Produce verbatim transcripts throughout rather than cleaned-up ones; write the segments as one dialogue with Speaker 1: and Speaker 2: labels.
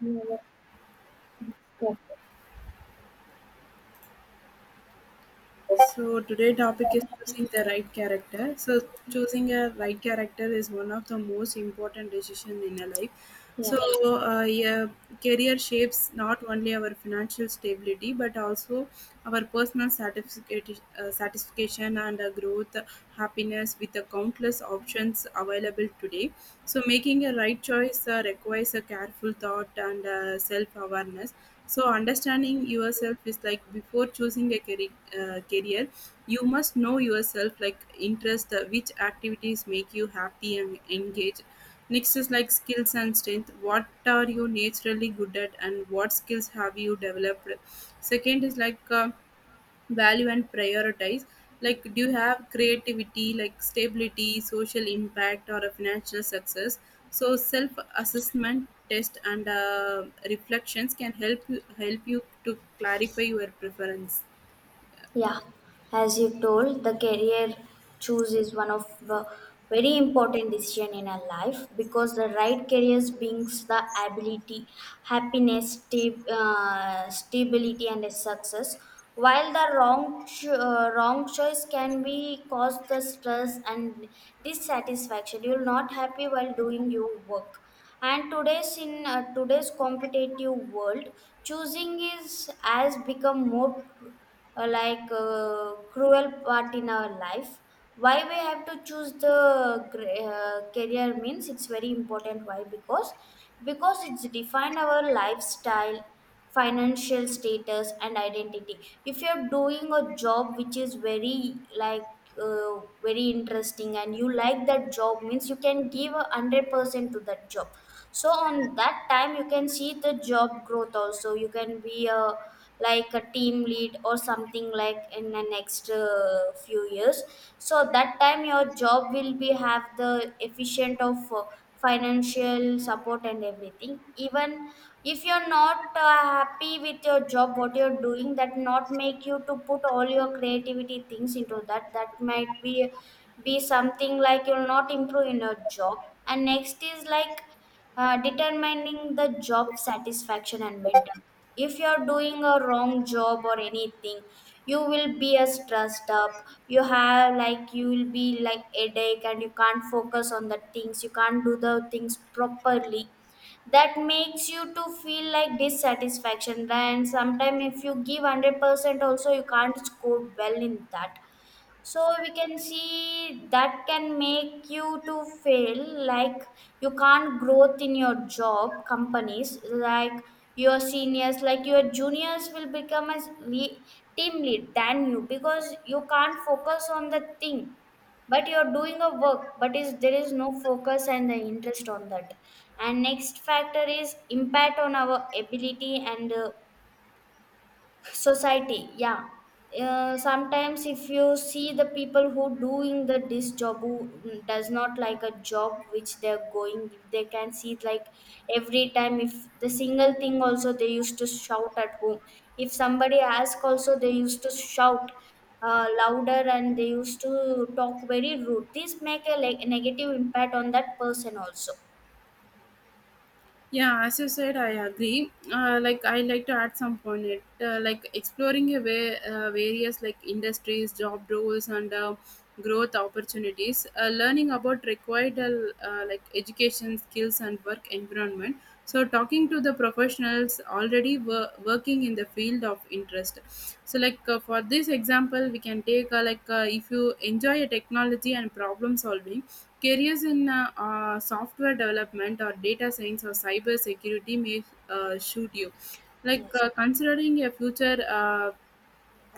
Speaker 1: Yeah, let me stop.
Speaker 2: So today topic is choosing the right character. So choosing a right character is one of the most important decision in a life. So
Speaker 1: Yeah.
Speaker 2: uh, yeah, career shapes not only our financial stability but also our personal satisfaction, uh, satisfaction and uh, growth, happiness with the countless options available today. So making a right choice uh, requires a careful thought and uh, self awareness. So, understanding yourself is like before choosing a career, uh, career you must know yourself, like interest, uh, which activities make you happy and engaged. Next is like skills and strength. What are you naturally good at, and what skills have you developed? Second is like uh, value and prioritize like do you have creativity like stability social impact or a financial success so self assessment test and uh, reflections can help you help you to clarify your preference.
Speaker 1: Yeah, as you told, the career choose is one of the very important decision in our life because the right career brings the ability, happiness, sta- uh, stability, and a success. While the wrong cho- uh, wrong choice can be cause the stress and dissatisfaction. You're not happy while doing your work. And today's in uh, today's competitive world choosing is has become more cru- uh, like uh, cruel part in our life. Why we have to choose the gra- uh, career means it's very important. Why? Because because it's defined our lifestyle, financial status and identity. If you're doing a job which is very like uh, very interesting and you like that job means you can give a one hundred percent to that job, so on that time you can see the job growth. Also you can be a like a team lead or something like in the next uh, few years. So that time your job will be have the efficient of uh, financial support and everything. Even if you're not uh, happy with your job what you're doing, that not make you to put all your creativity things into that. That might be be something like you'll not improve in your job. And next is like uh, determining the job satisfaction and mental. If you are doing a wrong job or anything, you will be as stressed up. You have like you will be like headache and you can't focus on the things, you can't do the things properly. That makes you to feel like dissatisfaction. And sometimes if you give one hundred percent also you can't score well in that. So we can see that can make you to feel like you can't growth in your job companies. Like your seniors, like your juniors will become as le- team lead than you because you can't focus on the thing. But you're doing a work but is there is no focus and the interest on that. And next factor is impact on our ability and uh, society. Yeah, uh, sometimes if you see the people who doing the this job, who mm, does not like a job which they're going, they can see it like every time. If the single thing also they used to shout at home, if somebody ask also they used to shout uh, louder and they used to talk very rude. This make a like negative impact on that person also.
Speaker 2: Yeah, as you said I agree, uh, like I like to add some point it, uh, like exploring a way, uh, various like industries job roles and uh, growth opportunities, uh, learning about required uh, like education skills and work environment. So talking to the professionals already wor- working in the field of interest. So like uh, for this example we can take uh, like uh, if you enjoy a technology and problem solving, careers in uh, uh, software development or data science or cyber security may uh, shoot you. Like
Speaker 1: Yes.
Speaker 2: uh, considering a future uh,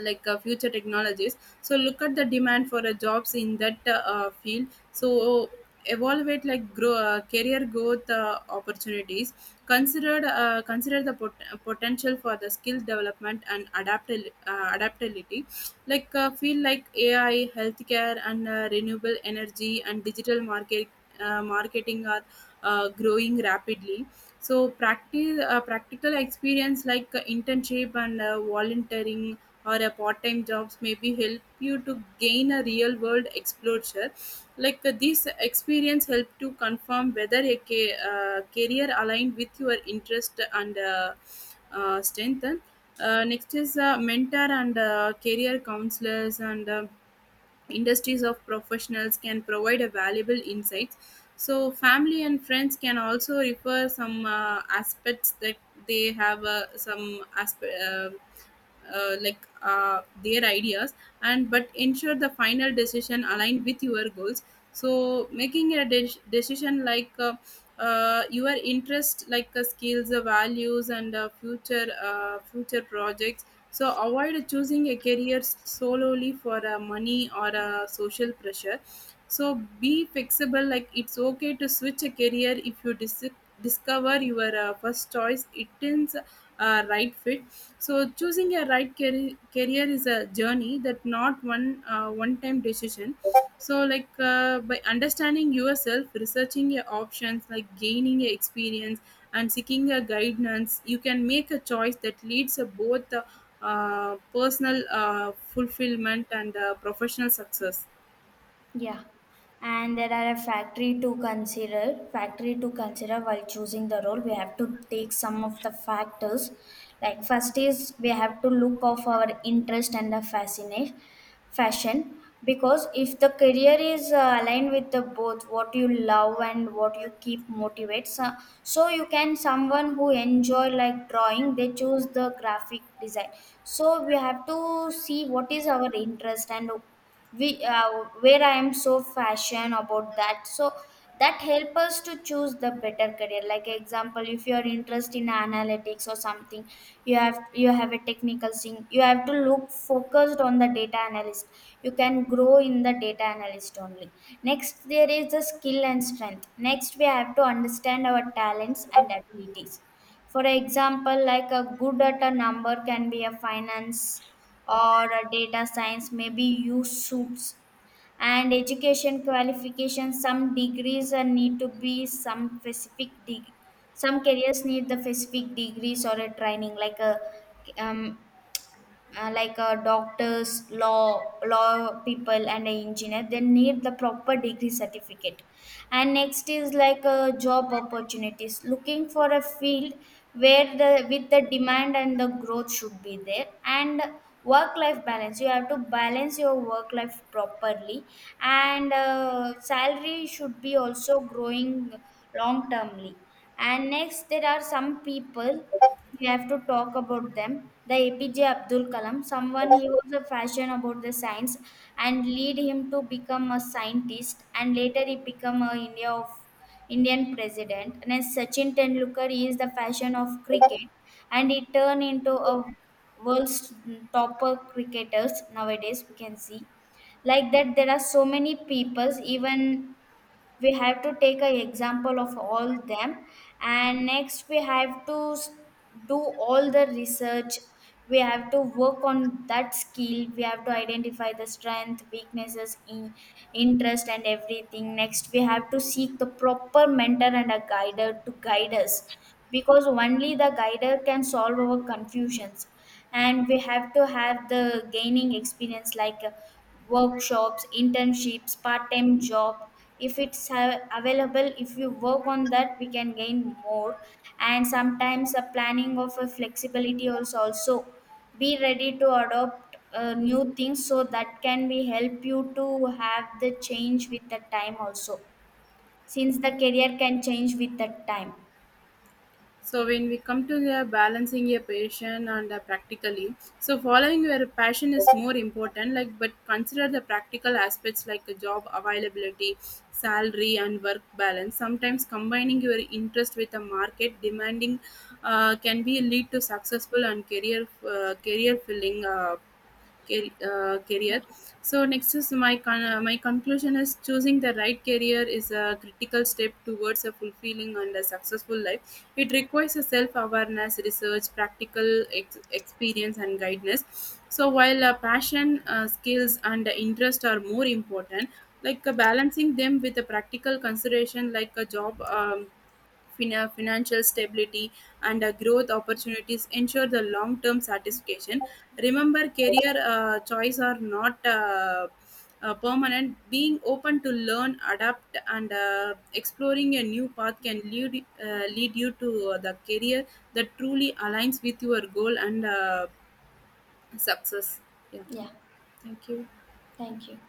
Speaker 2: like uh, future technologies. So look at the demand for uh, jobs in that uh, uh, field. So evaluate like grow uh, career growth uh, opportunities. Consider uh, consider the pot- uh, potential for the skill development and adaptil- uh, adaptability. Like uh, feel like ai healthcare and uh, renewable energy and digital market uh, marketing are uh, growing rapidly. So practice uh, practical experience like uh, internship and uh, volunteering or a part-time jobs maybe help you to gain a real world exposure. Like uh, these experience help to confirm whether a ca- uh, career aligned with your interest and uh, uh, strengthen. Uh, next is uh, mentor and uh, career counselors and uh, industries of professionals can provide a valuable insights. So family and friends can also refer some uh, aspects that they have uh, some aspe- uh, uh, like uh, their ideas, and but ensure the final decision aligned with your goals. So making a de- decision like uh, uh, your interest like uh, skills, uh, values and uh, future uh, future projects. So avoid choosing a career solely for uh, money or uh, social pressure. So be flexible, like it's okay to switch a career if you dis- discover your uh, first choice it is uh, right fit. So choosing a right car- career is a journey that not one uh, one time decision. So like uh, by understanding yourself, researching your options, like gaining your experience and seeking a guidance, you can make a choice that leads to both uh, uh, personal uh, fulfillment and uh, professional success.
Speaker 1: Yeah, and there are a factory to consider. Factory to consider while choosing the role, we have to take some of the factors. Like first is we have to look of our interest and the fascination, fashion. Because if the career is uh, aligned with the both what you love and what you keep motivates, uh, so you can someone who enjoy like drawing, they choose the graphic design. So we have to see what is our interest and we uh, where I am so fashion about that, so that help us to choose the better career. Like example, if you are interested in analytics or something, you have you have a technical thing, you have to look focused on the data analyst. You can grow in the data analyst only. Next there is the skill and strength. Next we have to understand our talents and abilities. For example, like a good at a number can be a finance or a data science, maybe use suits. And education qualification, some degrees are need to be some specific degree. Some careers need the specific degrees or a training like a um, uh, like uh, doctors, law law people, and an engineer, they need the proper degree certificate. And next is like uh, job opportunities, looking for a field where the with the demand and the growth should be there, and work life balance. You have to balance your work life properly, and uh, salary should be also growing long termly. And next, there are some people we have to talk about them. The A P J Abdul Kalam, someone he was a fashion about the science and lead him to become a scientist and later he become a India of Indian president. And as Sachin Tendulkar, he is the fashion of cricket and he turned into a world's topper cricketers nowadays we can see. Like that there are so many peoples, even we have to take an example of all them. And next we have to s- do all the research. We have to work on that skill, we have to identify the strength weaknesses in interest and everything. Next we have to seek the proper mentor and a guider to guide us, because only the guider can solve our confusions. And we have to have the gaining experience like uh, workshops, internships, part-time job. If it's a- available, if you work on that we can gain more. And sometimes a planning of a flexibility also also be ready to adopt uh, new things, so that can be help you to have the change with the time also, since the career can change with the time.
Speaker 2: So when we come to the balancing your passion and the practically, so following your passion is more important. Like, but consider the practical aspects like the job availability, salary, and work balance. Sometimes combining your interest with a market demanding uh, can be lead to successful and career uh, career filling. Uh, car- uh, career.
Speaker 1: Yeah.
Speaker 2: So next is my con- uh, my conclusion is choosing the right career is a critical step towards a fulfilling and a successful life. It requires a self awareness, research, practical ex- experience, and guidance. So while uh, passion, uh, skills, and uh, interest are more important, like uh, balancing them with a practical consideration like a job. Um, fina- financial stability, and uh, growth opportunities ensure the long term satisfaction. Remember, career uh, choice are not uh, uh, permanent. Being open to learn, adapt, and uh, exploring a new path can lead, uh, lead you to uh, the career that truly aligns with your goal and uh, success. Yeah,
Speaker 1: Yeah,
Speaker 2: thank you.
Speaker 1: thank you.